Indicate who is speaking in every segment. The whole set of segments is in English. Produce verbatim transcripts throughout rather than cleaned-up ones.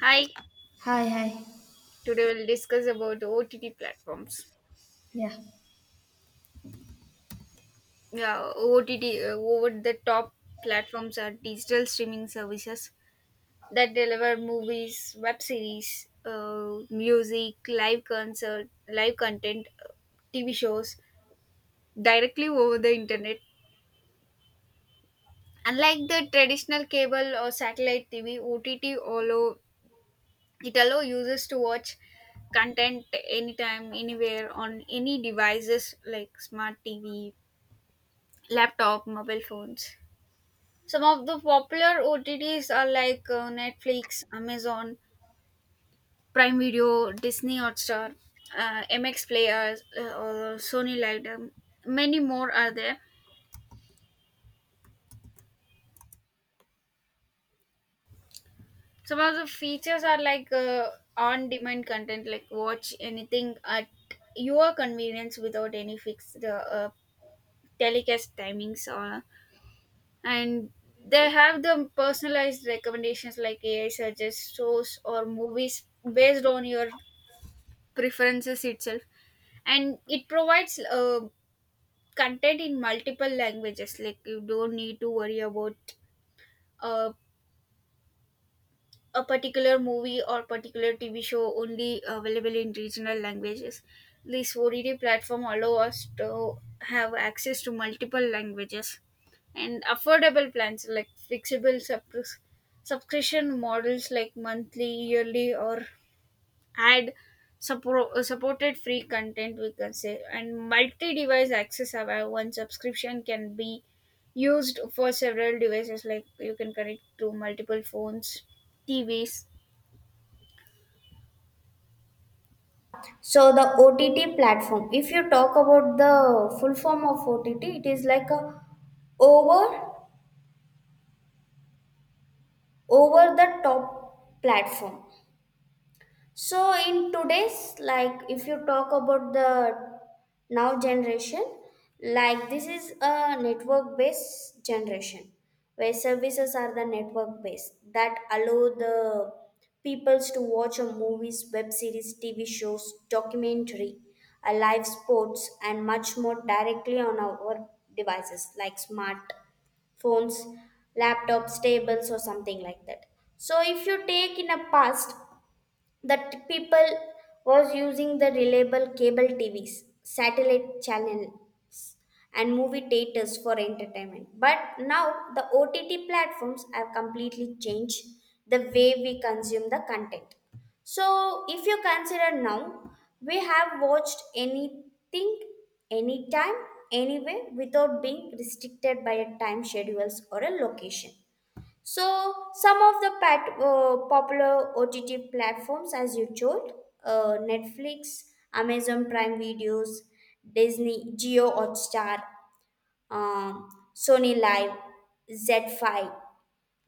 Speaker 1: Hi,
Speaker 2: Hi, hi.
Speaker 1: today we'll discuss about O T T platforms.
Speaker 2: Yeah.
Speaker 1: Yeah, O T T, uh, over the top platforms are digital streaming services that deliver movies, web series, uh, music, live concert, live content, uh, T V shows directly over the internet. Unlike the traditional cable or satellite T V, O T T allow it allow users to watch content anytime, anywhere on any devices like smart T V, laptop, mobile phones. Some of the popular O T Ts are like uh, Netflix, Amazon, Prime Video, Disney Hotstar, uh, M X Player, uh, or Sony Light. um, Many more are there. Some of the features are like uh, on-demand content, like watch anything at your convenience without any fixed uh, uh, telecast timings or and they have the personalized recommendations like A I suggests shows or movies based on your preferences itself, and it provides uh, content in multiple languages. Like you don't need to worry about uh, a particular movie or particular T V show only available in regional languages. This O T T platform allow us to have access to multiple languages and affordable plans like flexible sub- subscription models like monthly, yearly, or ad support, supported free content we can say, and multi-device access, have one subscription can be used for several devices like you can connect to multiple phones, tvs.
Speaker 2: So the O T T platform, if you talk about the full form of O T T, it is like a over over the top platform. So in today's, like, if you talk about the now generation, like this is a network based generation where services are the network based that allow the peoples to watch a movies, web series, tv shows, documentary, a live sports and much more directly on our devices like smart phones, laptops, tables or something like that. So if you take in a past that people was using the reliable cable T Vs, satellite channel, and movie theaters for entertainment. But now the O T T platforms have completely changed the way we consume the content. So if you consider now, we have watched anything, anytime, anywhere without being restricted by a time schedules or a location. So, some of the pat- uh, popular O T T platforms, as you told, uh, Netflix, Amazon Prime Videos, Disney, Geo Hotstar, um, Sony Live, Z five,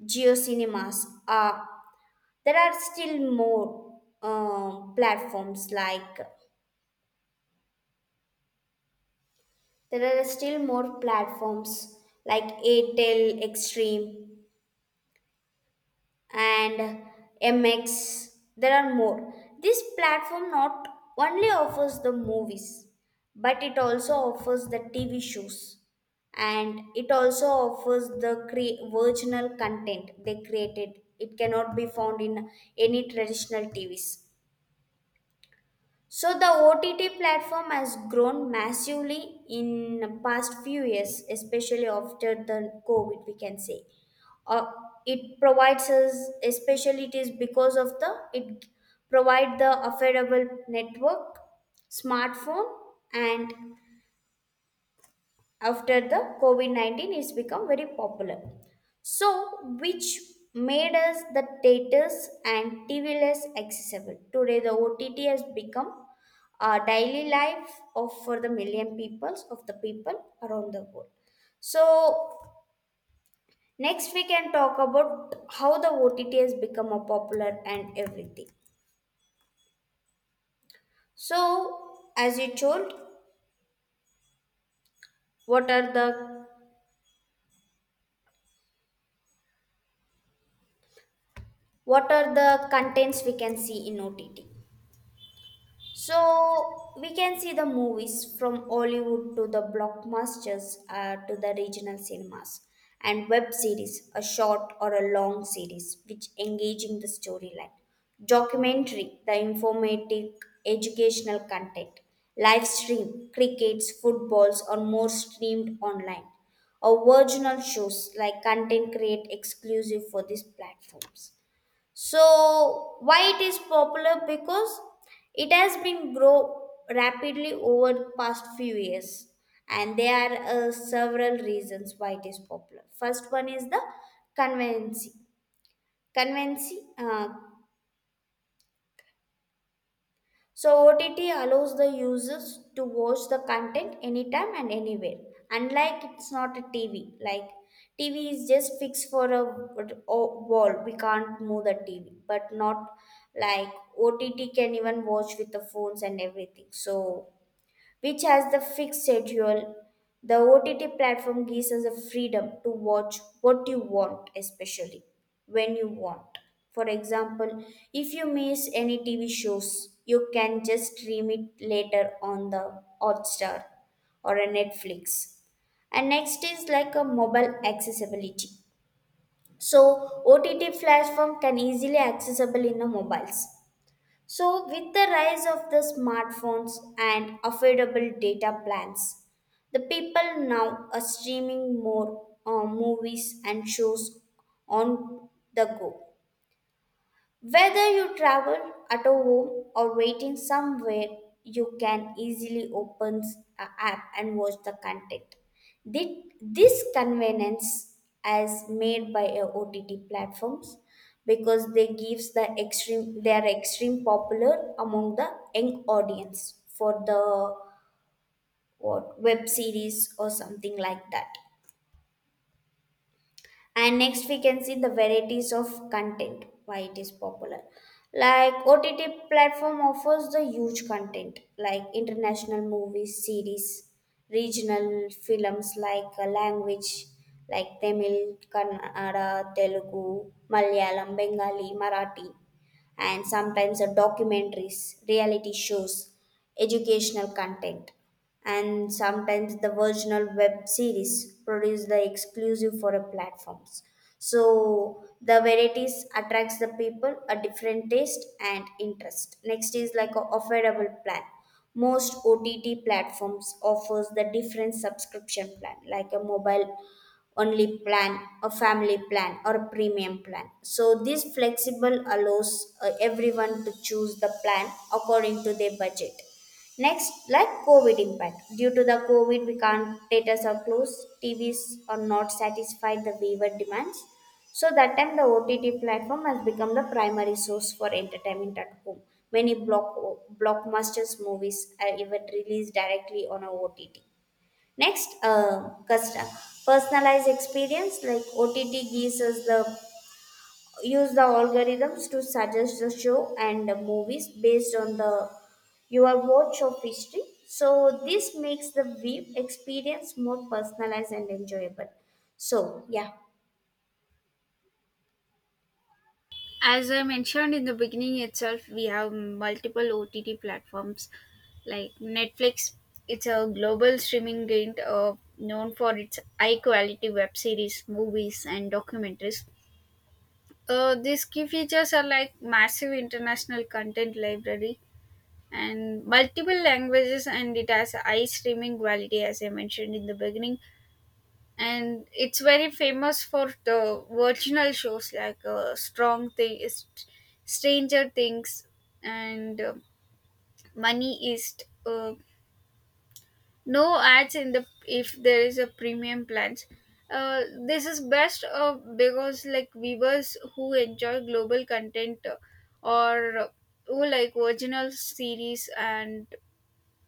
Speaker 2: Geo Cinemas. Uh, there are still more um platforms like there are still more platforms like Airtel Extreme and M X. There are more. This platform not only offers the movies, but it also offers the T V shows, and it also offers the cre- original content they created. It cannot be found in any traditional T Vs. So the O T T platform has grown massively in the past few years, especially after the COVID, we can say. Uh, it provides us, especially it is because of the, it provide the affordable network, smartphone, and after the COVID nineteen it's become very popular. So, which made us the theaters and T V less accessible. Today, the O T T has become a daily life of for the million peoples of the people around the world. So, next we can talk about how the O T T has become a popular and everything. So, as you told, what are the what are the contents we can see in O T T? So we can see the movies from Hollywood to the blockbusters uh, to the regional cinemas, and web series, a short or a long series which engaging the storyline, documentary, the informative educational content, live stream, crickets, footballs or more streamed online, or original shows like content create exclusive for these platforms. So why it is popular? Because it has been grow rapidly over the past few years, and there are uh, several reasons why it is popular. First one is the conveniency. Conveniency. Uh, So O T T allows the users to watch the content anytime and anywhere. Unlike it's not a T V. Like T V is just fixed for a, a wall. We can't move the T V. But not like O T T can even watch with the phones and everything. So which has the fixed schedule. The O T T platform gives us the freedom to watch what you want, especially when you want. For example, if you miss any T V shows, you can just stream it later on the Hotstar or a Netflix. And next is like a mobile accessibility. So O T T platform can easily accessible in the mobiles. So, with the rise of the smartphones and affordable data plans, the people now are streaming more uh, movies and shows on the go. Whether you travel at a home or waiting somewhere, you can easily open an app and watch the content. Thi- This convenience is made by a O T T platforms because they gives the extreme they are extreme popular among the young audience for the what web series or something like that. And next we can see the varieties of content why it is popular. Like OTT platform offers the huge content like international movies series, regional films, like uh, language like Tamil, Kannada, Telugu, Malayalam, Bengali, Marathi, and sometimes uh, documentaries, reality shows, educational content, and sometimes the original web series produced the exclusive for a platforms. So the varieties attracts the people a different taste and interest. Next is like a affordable plan. Most OTT platforms offers the different subscription plan like a mobile only plan, a family plan, or a premium plan. So this flexible allows uh, everyone to choose the plan according to their budget. Next, like COVID impact. Due to the COVID, we can't, theaters are closed, T Vs are not satisfied the viewer demands. So that time, the O T T platform has become the primary source for entertainment at home. Many block blockbusters movies are even released directly on a O T T. Next, uh, custom personalized experience, like O T T gives us the use the algorithms to suggest the show and the movies based on the your watch of history. So this makes the web experience more personalized and enjoyable. So yeah,
Speaker 1: As I mentioned in the beginning itself, we have multiple O T T platforms like Netflix. It's a global streaming giant, uh, known for its high quality web series, movies, and documentaries. Uh, these key features are like massive international content library and multiple languages, and it has high streaming quality, as I mentioned in the beginning, and it's very famous for the virginal shows like uh, strong thing is stranger things and uh, money East. Uh, no ads in the if there is a premium plans, uh, this is best uh, because like viewers who enjoy global content uh, or uh, who like original series and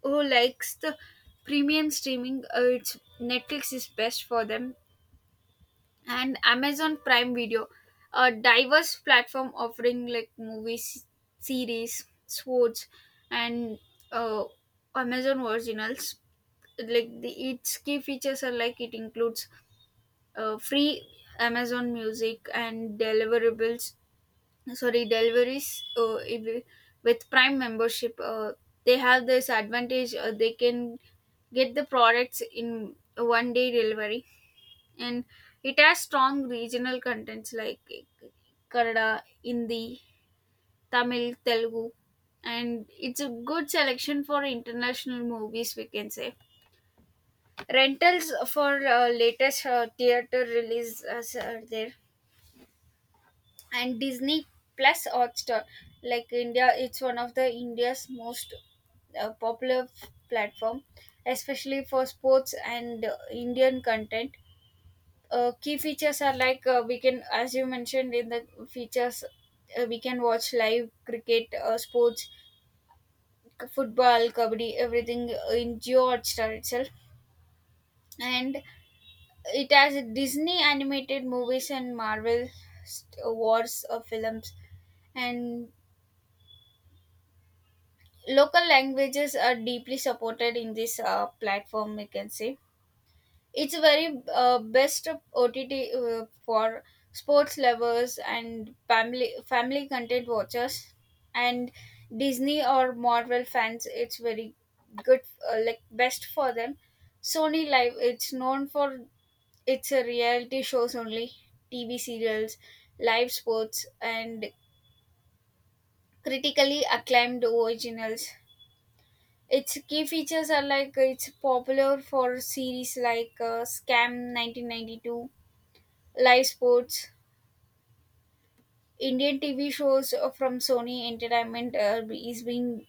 Speaker 1: who likes the premium streaming, uh, it's netflix is best for them. And Amazon Prime Video, a diverse platform offering like movies, series, sports, and uh, Amazon originals. Like the its key features are like it includes uh, free Amazon Music and deliverables. Sorry, deliveries. Uh, if- with Prime membership, uh, they have this advantage. Uh, they can get the products in one day delivery, and it has strong regional contents like Kannada, Hindi, Tamil, Telugu, and it's a good selection for international movies. We can say rentals for uh, latest uh, theater releases are there, and Disney Plus Hotstar, like India, it's one of the India's most uh, popular f- platform, especially for sports and uh, Indian content. Uh, key features are like uh, we can, as you mentioned in the features, uh, we can watch live cricket, uh, sports k- football, kabaddi, everything, uh, in geo hotstar itself, and it has disney animated movies and marvel st- uh, wars uh, films, and local languages are deeply supported in this uh, platform we can say. It's a very uh, best of O T T uh, for sports lovers and family family content watchers and Disney or Marvel fans. It's very good, uh, like best for them. Sony Live. It's known for its a reality shows only, T V serials, live sports, and critically acclaimed originals. Its key features are like uh, it's popular for series like uh, Scam nineteen ninety-two, live sports, Indian T V shows uh, from Sony Entertainment uh, is being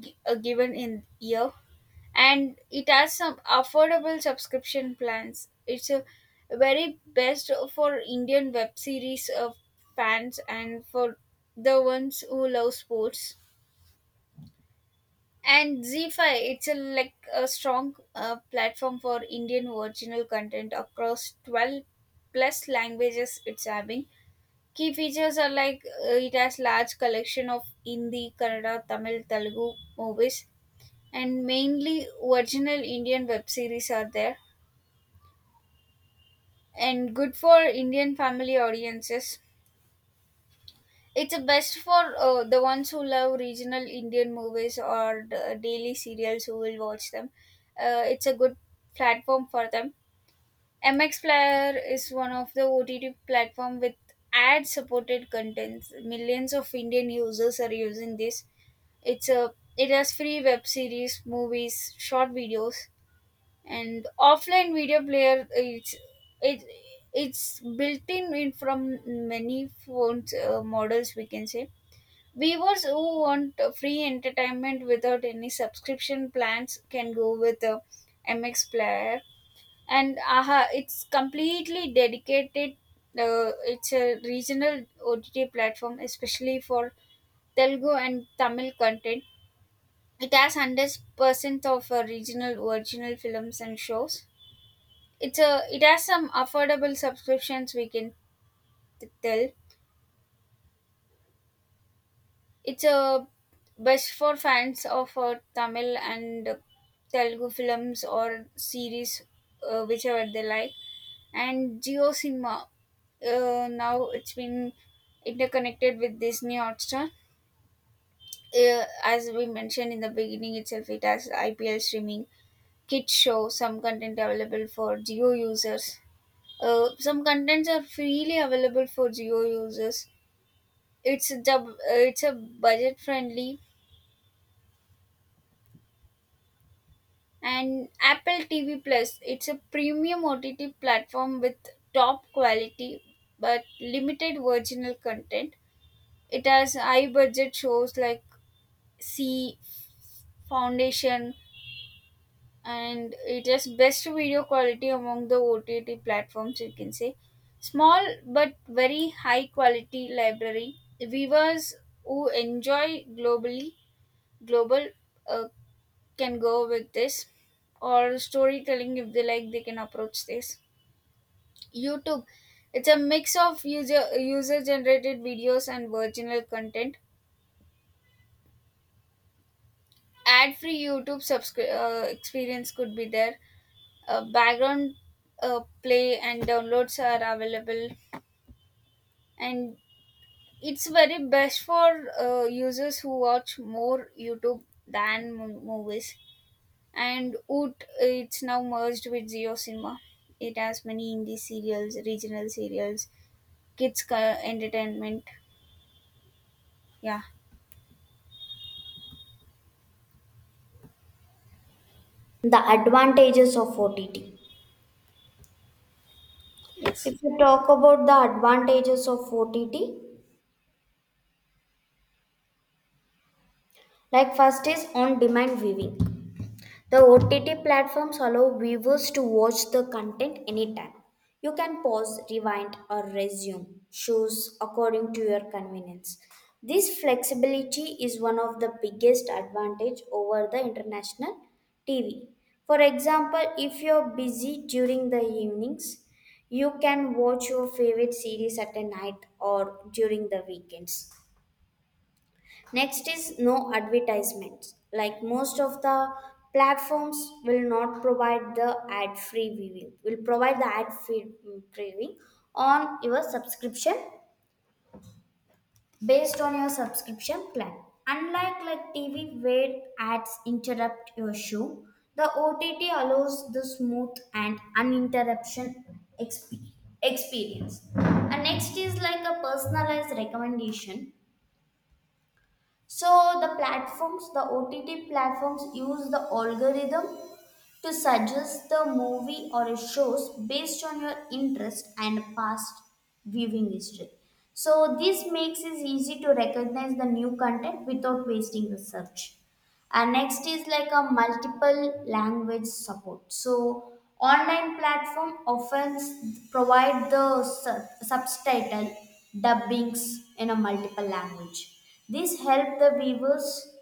Speaker 1: gi- uh, given in year, and it has some affordable subscription plans. It's a very best for Indian web series uh, fans and for the ones who love sports. And Z five, it's a like a strong uh, platform for Indian original content across twelve plus languages. It's having Key features are like uh, it has large collection of Hindi, Kannada, Tamil, Telugu movies, and mainly original Indian web series are there, and good for Indian family audiences. It's best for uh, the ones who love regional Indian movies or the daily serials who will watch them. Uh, it's a good platform for them. M X Player is one of the O T T platform with ad supported contents. Millions of Indian users are using this. It's a it has free web series, movies, short videos, and offline video player. It's it it's built in, in from many phones uh, models we can say. Viewers who want uh, free entertainment without any subscription plans can go with the M X player. And aha, it's completely dedicated. Uh, it's a regional O T T platform, especially for Telugu and Tamil content. It has hundred percent of uh, regional original films and shows. It's a it has some affordable subscriptions. We can t- tell it's a best for fans of uh, Tamil and uh, Telugu films or series, uh, whichever they like. And Geo Cinema, uh, now it's been interconnected with Disney Hotstar. Uh, as we mentioned in the beginning itself, it has I P L streaming, kids show, some content available for geo users, uh, some contents are freely available for geo users. It's a dub, uh, it's a budget friendly, and apple tv plus, it's a premium ott platform with top quality but limited original content. It has high budget shows like c foundation, and it has best video quality among the O T T platforms, you can say. Small but very high quality library. Viewers who enjoy globally global uh, can go with this, or storytelling, if they like, they can approach this. YouTube, it's a mix of user user generated videos and original content. Ad free YouTube subscri- uh, experience could be there. Uh, background uh, play and downloads are available, and it's very best for uh, users who watch more youtube than mo- movies. And oot, it's now merged with zeo cinema. It has many indie serials, regional serials, kids co- entertainment. Yeah.
Speaker 2: the advantages of O T T.
Speaker 1: Yes.
Speaker 2: If you talk about the advantages of O T T, like first is on-demand viewing. The O T T platforms allow viewers to watch the content anytime. You can pause, rewind, or resume shows according to your convenience. This flexibility is one of the biggest advantage over the international T V. For example, if you're busy during the evenings, you can watch your favorite series at a night or during the weekends. Next is no advertisements. Like most of the platforms will not provide the ad-free viewing. Will provide the ad-free viewing on your subscription, based on your subscription plan. Unlike like T V where ads interrupt your show, the O T T allows the smooth and uninterruption exp- experience. And next is like a personalized recommendation. So the platforms, the O T T platforms use the algorithm to suggest the movie or a shows based on your interest and past viewing history. So this makes it easy to recognize the new content without wasting the search. And next is like a multiple language support. So online platform often s- provide the su- subtitle dubbings in a multiple language. This help the viewers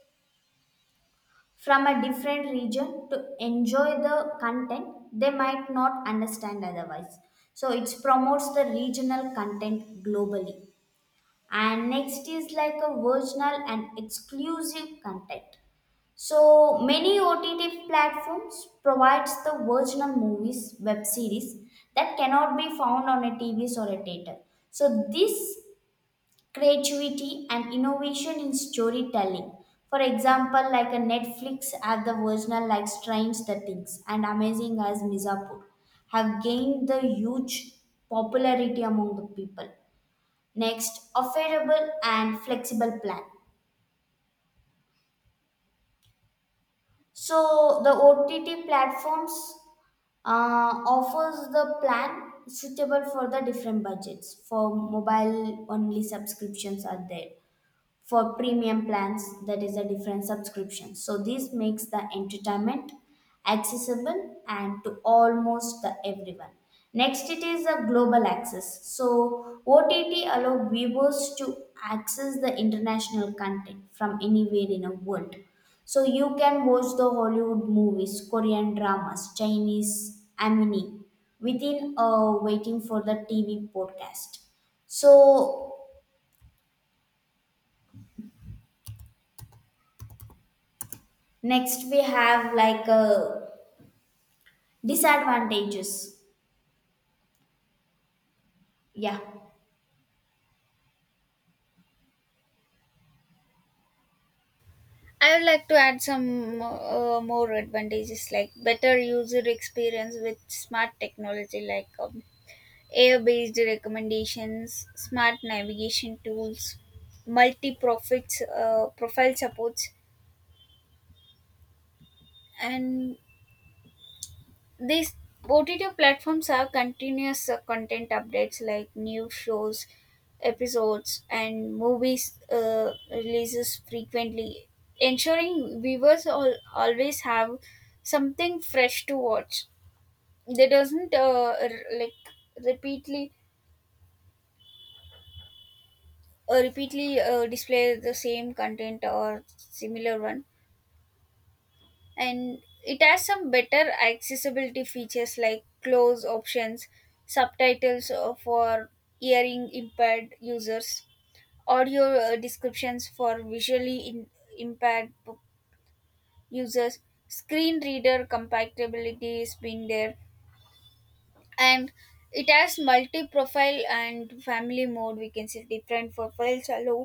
Speaker 2: from a different region to enjoy the content they might not understand otherwise. So it promotes the regional content globally. And next is like a original and exclusive content. So many OTT platforms provides the original movies, web series that cannot be found on a tvs or a theater. So this creativity and innovation in storytelling. For example, like a Netflix have the original like Strange the Things, and Amazing as Mizapur have gained the huge popularity among the people. Next, affordable and flexible plan. So the O T T platforms uh, offers the plan suitable for the different budgets. For mobile only subscriptions are there, for premium plans that is a different subscription. So this makes the entertainment accessible and to almost the everyone. Next it is a global access. So OTT allow viewers to access the international content from anywhere in the world. So you can watch the Hollywood movies, Korean dramas, Chinese anime within uh, waiting for the T V podcast. So next, we have like uh, disadvantages. Yeah,
Speaker 1: I would like to add some uh, more advantages like better user experience with smart technology, like um, air based recommendations, smart navigation tools, multi profits uh, profile supports, and these O T T platforms have continuous uh, content updates like new shows, episodes, and movies uh, releases frequently, ensuring viewers all, always have something fresh to watch. They doesn't uh, r- like repeatedly uh, repeatedly uh, display the same content or similar one, and it has some better accessibility features like close options, subtitles uh, for hearing impaired users, audio uh, descriptions for visually in- impaired p- users, screen reader compatibility has been there, and it has multi-profile and family mode. We can see different profiles allow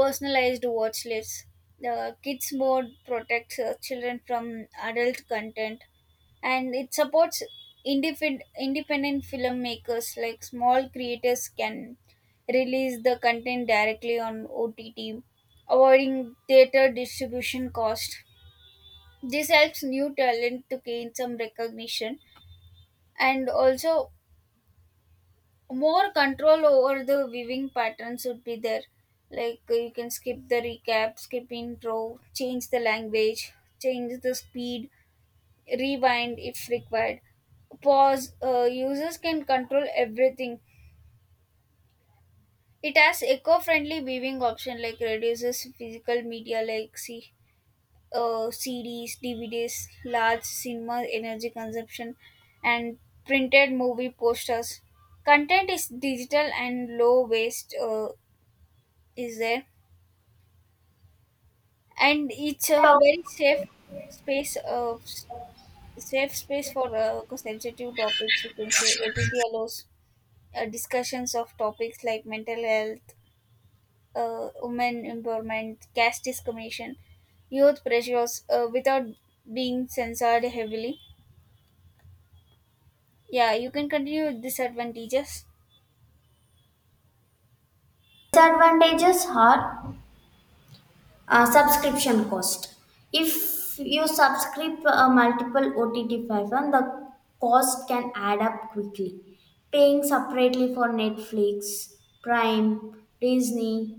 Speaker 1: personalized watch lists, the kids mode protects uh, children from adult content, and it supports independent independent filmmakers like small creators can release the content directly on ott, avoiding theater distribution cost. This helps new talent to gain some recognition, and also more control over the viewing patterns would be there, like uh, you can skip the recap, skip intro, change the language, change the speed, rewind if required, pause. Uh, users can control everything. It has eco-friendly viewing option like reduces physical media like C, uh, cds, dvds, large cinema energy consumption, and printed movie posters. Content is digital and low waste uh, is there, and it's a very safe space uh, s- safe space for uh, sensitive topics, you can say. Ott allows uh, discussions of topics like mental health, uh, women empowerment, caste discrimination, youth pressures, uh, without being censored heavily. Yeah, you can continue with disadvantages.
Speaker 2: disadvantages are uh, subscription cost. If you subscribe uh, multiple O T T platform, the cost can add up quickly. Paying separately for Netflix, Prime, Disney,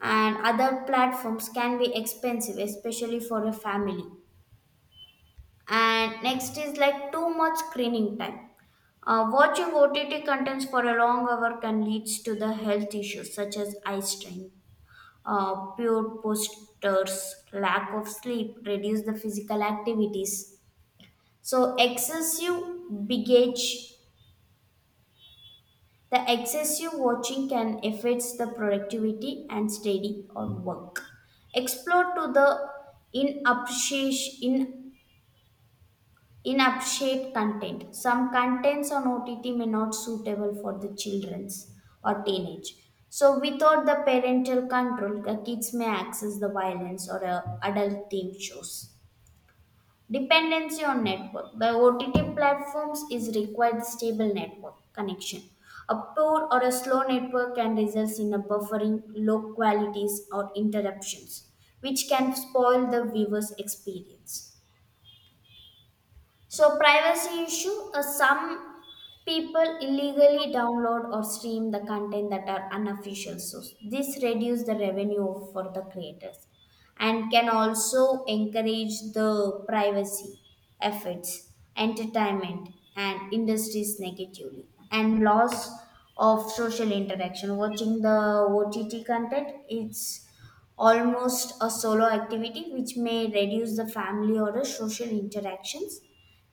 Speaker 2: and other platforms can be expensive, especially for a family. And next is like too much screening time. Uh, watching OTT contents for a long hour can lead to the health issues such as eye strain, uh, poor postures, lack of sleep, reduce the physical activities. So excessive bigage, the excessive watching can affects the productivity and study or work, explore to the inappreciation. In upshape content, some contents on O T T may not suitable for the children's or teenage. So without the parental control, the kids may access the violence or uh, adult theme shows. Dependency on network. The O T T platforms is required stable network connection. A poor or a slow network can result in a buffering, low qualities or interruptions, which can spoil the viewer's experience. So, privacy issue. Uh, some people illegally download or stream the content that are unofficial. So, this reduces the revenue for the creators and can also encourage the privacy efforts, entertainment, and industries negatively, and loss of social interaction. Watching the O T T content, it's almost a solo activity which may reduce the family or the social interactions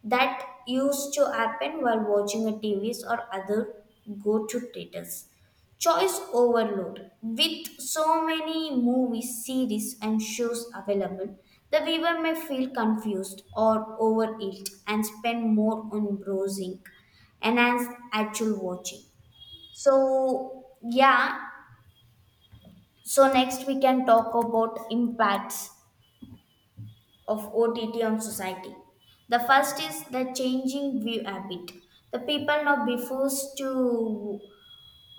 Speaker 2: that used to happen while watching a T Vs or other go-to theaters. Choice overload. With so many movies, series, and shows available, the viewer may feel confused or overeat and spend more on browsing and as actual watching. So yeah, so next we can talk about impacts of O T T on society. The first is the changing view habit. The people now prefers to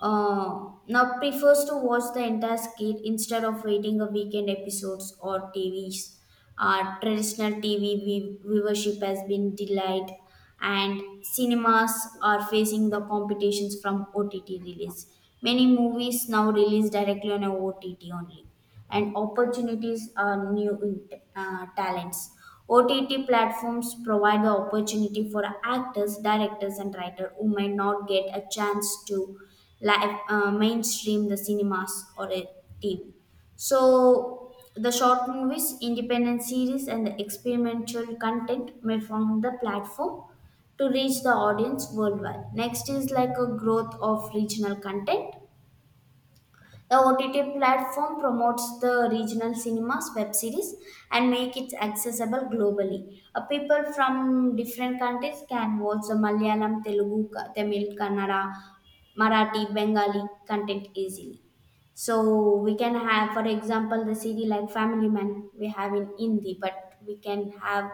Speaker 2: uh, Now prefers to watch the entire skit instead of waiting a weekend episodes or T Vs. Uh, traditional T V view- viewership has been delayed, and cinemas are facing the competitions from O T T release. Many movies now release directly on a O T T only, and opportunities are new uh, talents. O T T platforms provide the opportunity for actors, directors, and writers who may not get a chance to live uh, mainstream the cinemas or a T V. So the short movies, independent series, and the experimental content may form the platform to reach the audience worldwide. Next is like a growth of regional content. The O T T platform promotes the regional cinemas, web series, and make it accessible globally. Uh, people from different countries can watch the Malayalam, Telugu, Ka- Tamil, Kannada, Marathi, Bengali content easily. So we can have, for example, the series like Family Man we have in Hindi, but we can have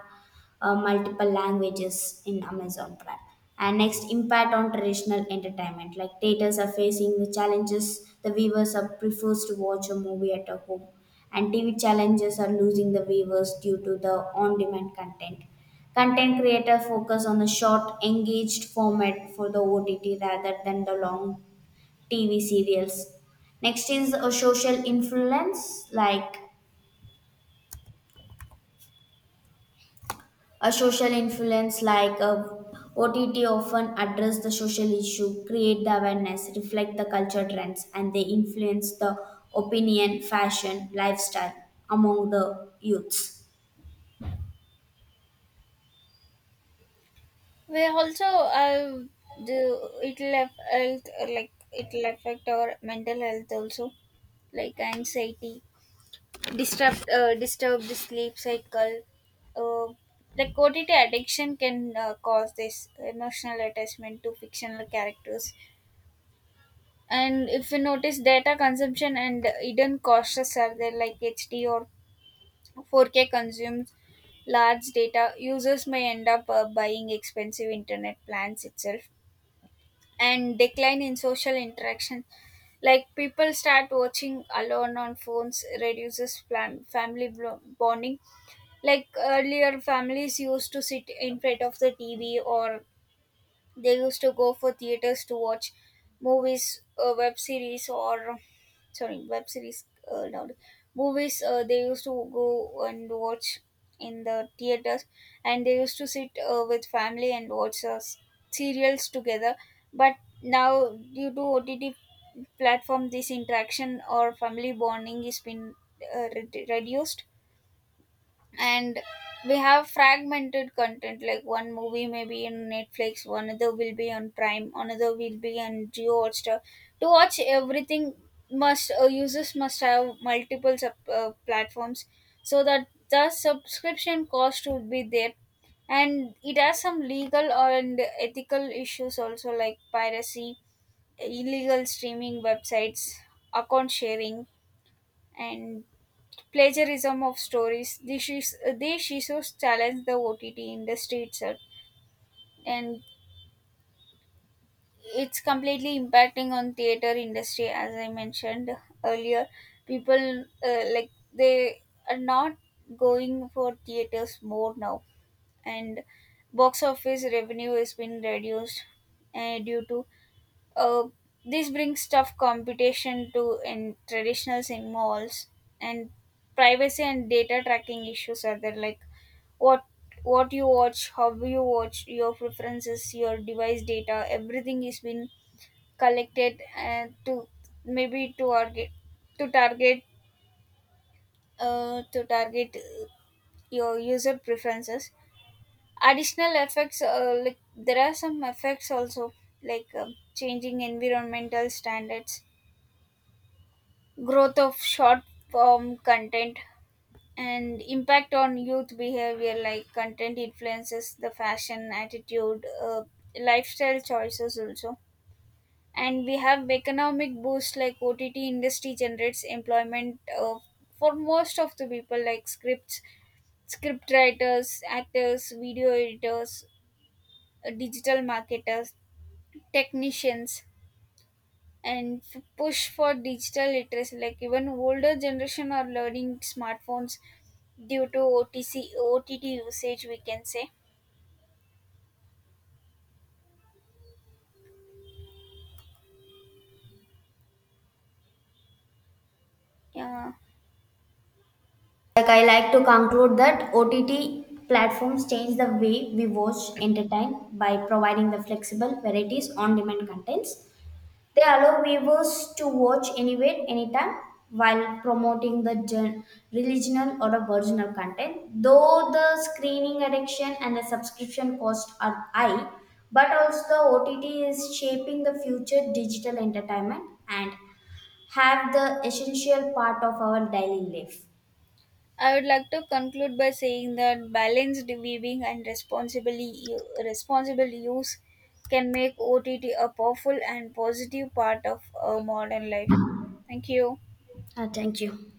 Speaker 2: uh, multiple languages in Amazon Prime. And next, impact on traditional entertainment. Like theaters are facing the challenges, the viewers are prefers to watch a movie at a home, and T V challenges are losing the viewers due to the on-demand content. Content creator focus on the short, engaged format for the O T T rather than the long T V serials. Next is a social influence, like a social influence like a O T T often address the social issue, create the awareness, reflect the culture trends, and they influence the opinion, fashion, lifestyle among the youths.
Speaker 1: We also uh, the It'll affect, like it'll affect our mental health also, like anxiety, disrupt uh, disturb the sleep cycle. uh, like Ott addiction can uh, cause this emotional attachment to fictional characters, and if you notice, data consumption and hidden costs are there, like hd or four k consumes large data, users may end up uh, buying expensive internet plans itself. And decline in social interaction, like people start watching alone on phones, reduces plan, family blo- bonding. Like earlier, families used to sit in front of the T V, or they used to go for theaters to watch movies, uh, web series, or sorry, web series, uh, not movies. Uh, they used to go and watch in the theaters, and they used to sit uh, with family and watch uh, s- serials together. But now, due to O T T platform, this interaction or family bonding is been uh, re- reduced, and we have fragmented content like one movie may be in netflix, one other will be on prime, another will be on geo hotstar. To watch everything, must uh, users must have multiple sub, uh, platforms, so that the subscription cost would be there. And it has some legal and ethical issues also, like piracy, illegal streaming websites, account sharing, and plagiarism of stories. This is, these issues challenge the O T T industry itself, and it's completely impacting on theater industry. As I mentioned earlier, people, uh, like they are not going for theaters more now, and box office revenue has been reduced uh, due to uh, this brings tough competition to in traditional cinemas. And privacy and data tracking issues are there, like what what you watch, how you watch, your preferences, your device data, everything is been collected, and to maybe to target to target uh, to target uh, your user preferences. Additional effects, uh, like there are some effects also, like um changing environmental standards, growth of short form content, and impact on youth behavior, like content influences the fashion, attitude, uh, lifestyle choices also. And we have economic boost, like ott industry generates employment uh, for most of the people, like scripts script writers, actors, video editors, uh, digital marketers, technicians, and f- push for digital literacy, like even older generation are learning smartphones due to otc ott usage, we can say. Yeah.
Speaker 2: Like I like to conclude that O T T platforms change the way we watch, entertain by providing the flexible varieties on-demand contents. They allow viewers to watch anywhere, anytime while promoting the gen- regional or original content. Though the screening addiction and the subscription cost are high, but also the O T T is shaping the future digital entertainment and have the essential part of our daily life.
Speaker 1: I would like to conclude by saying that balanced viewing and responsibly u- responsible use can make O T T a powerful and positive part of our modern life. Thank you.
Speaker 2: Uh, thank you.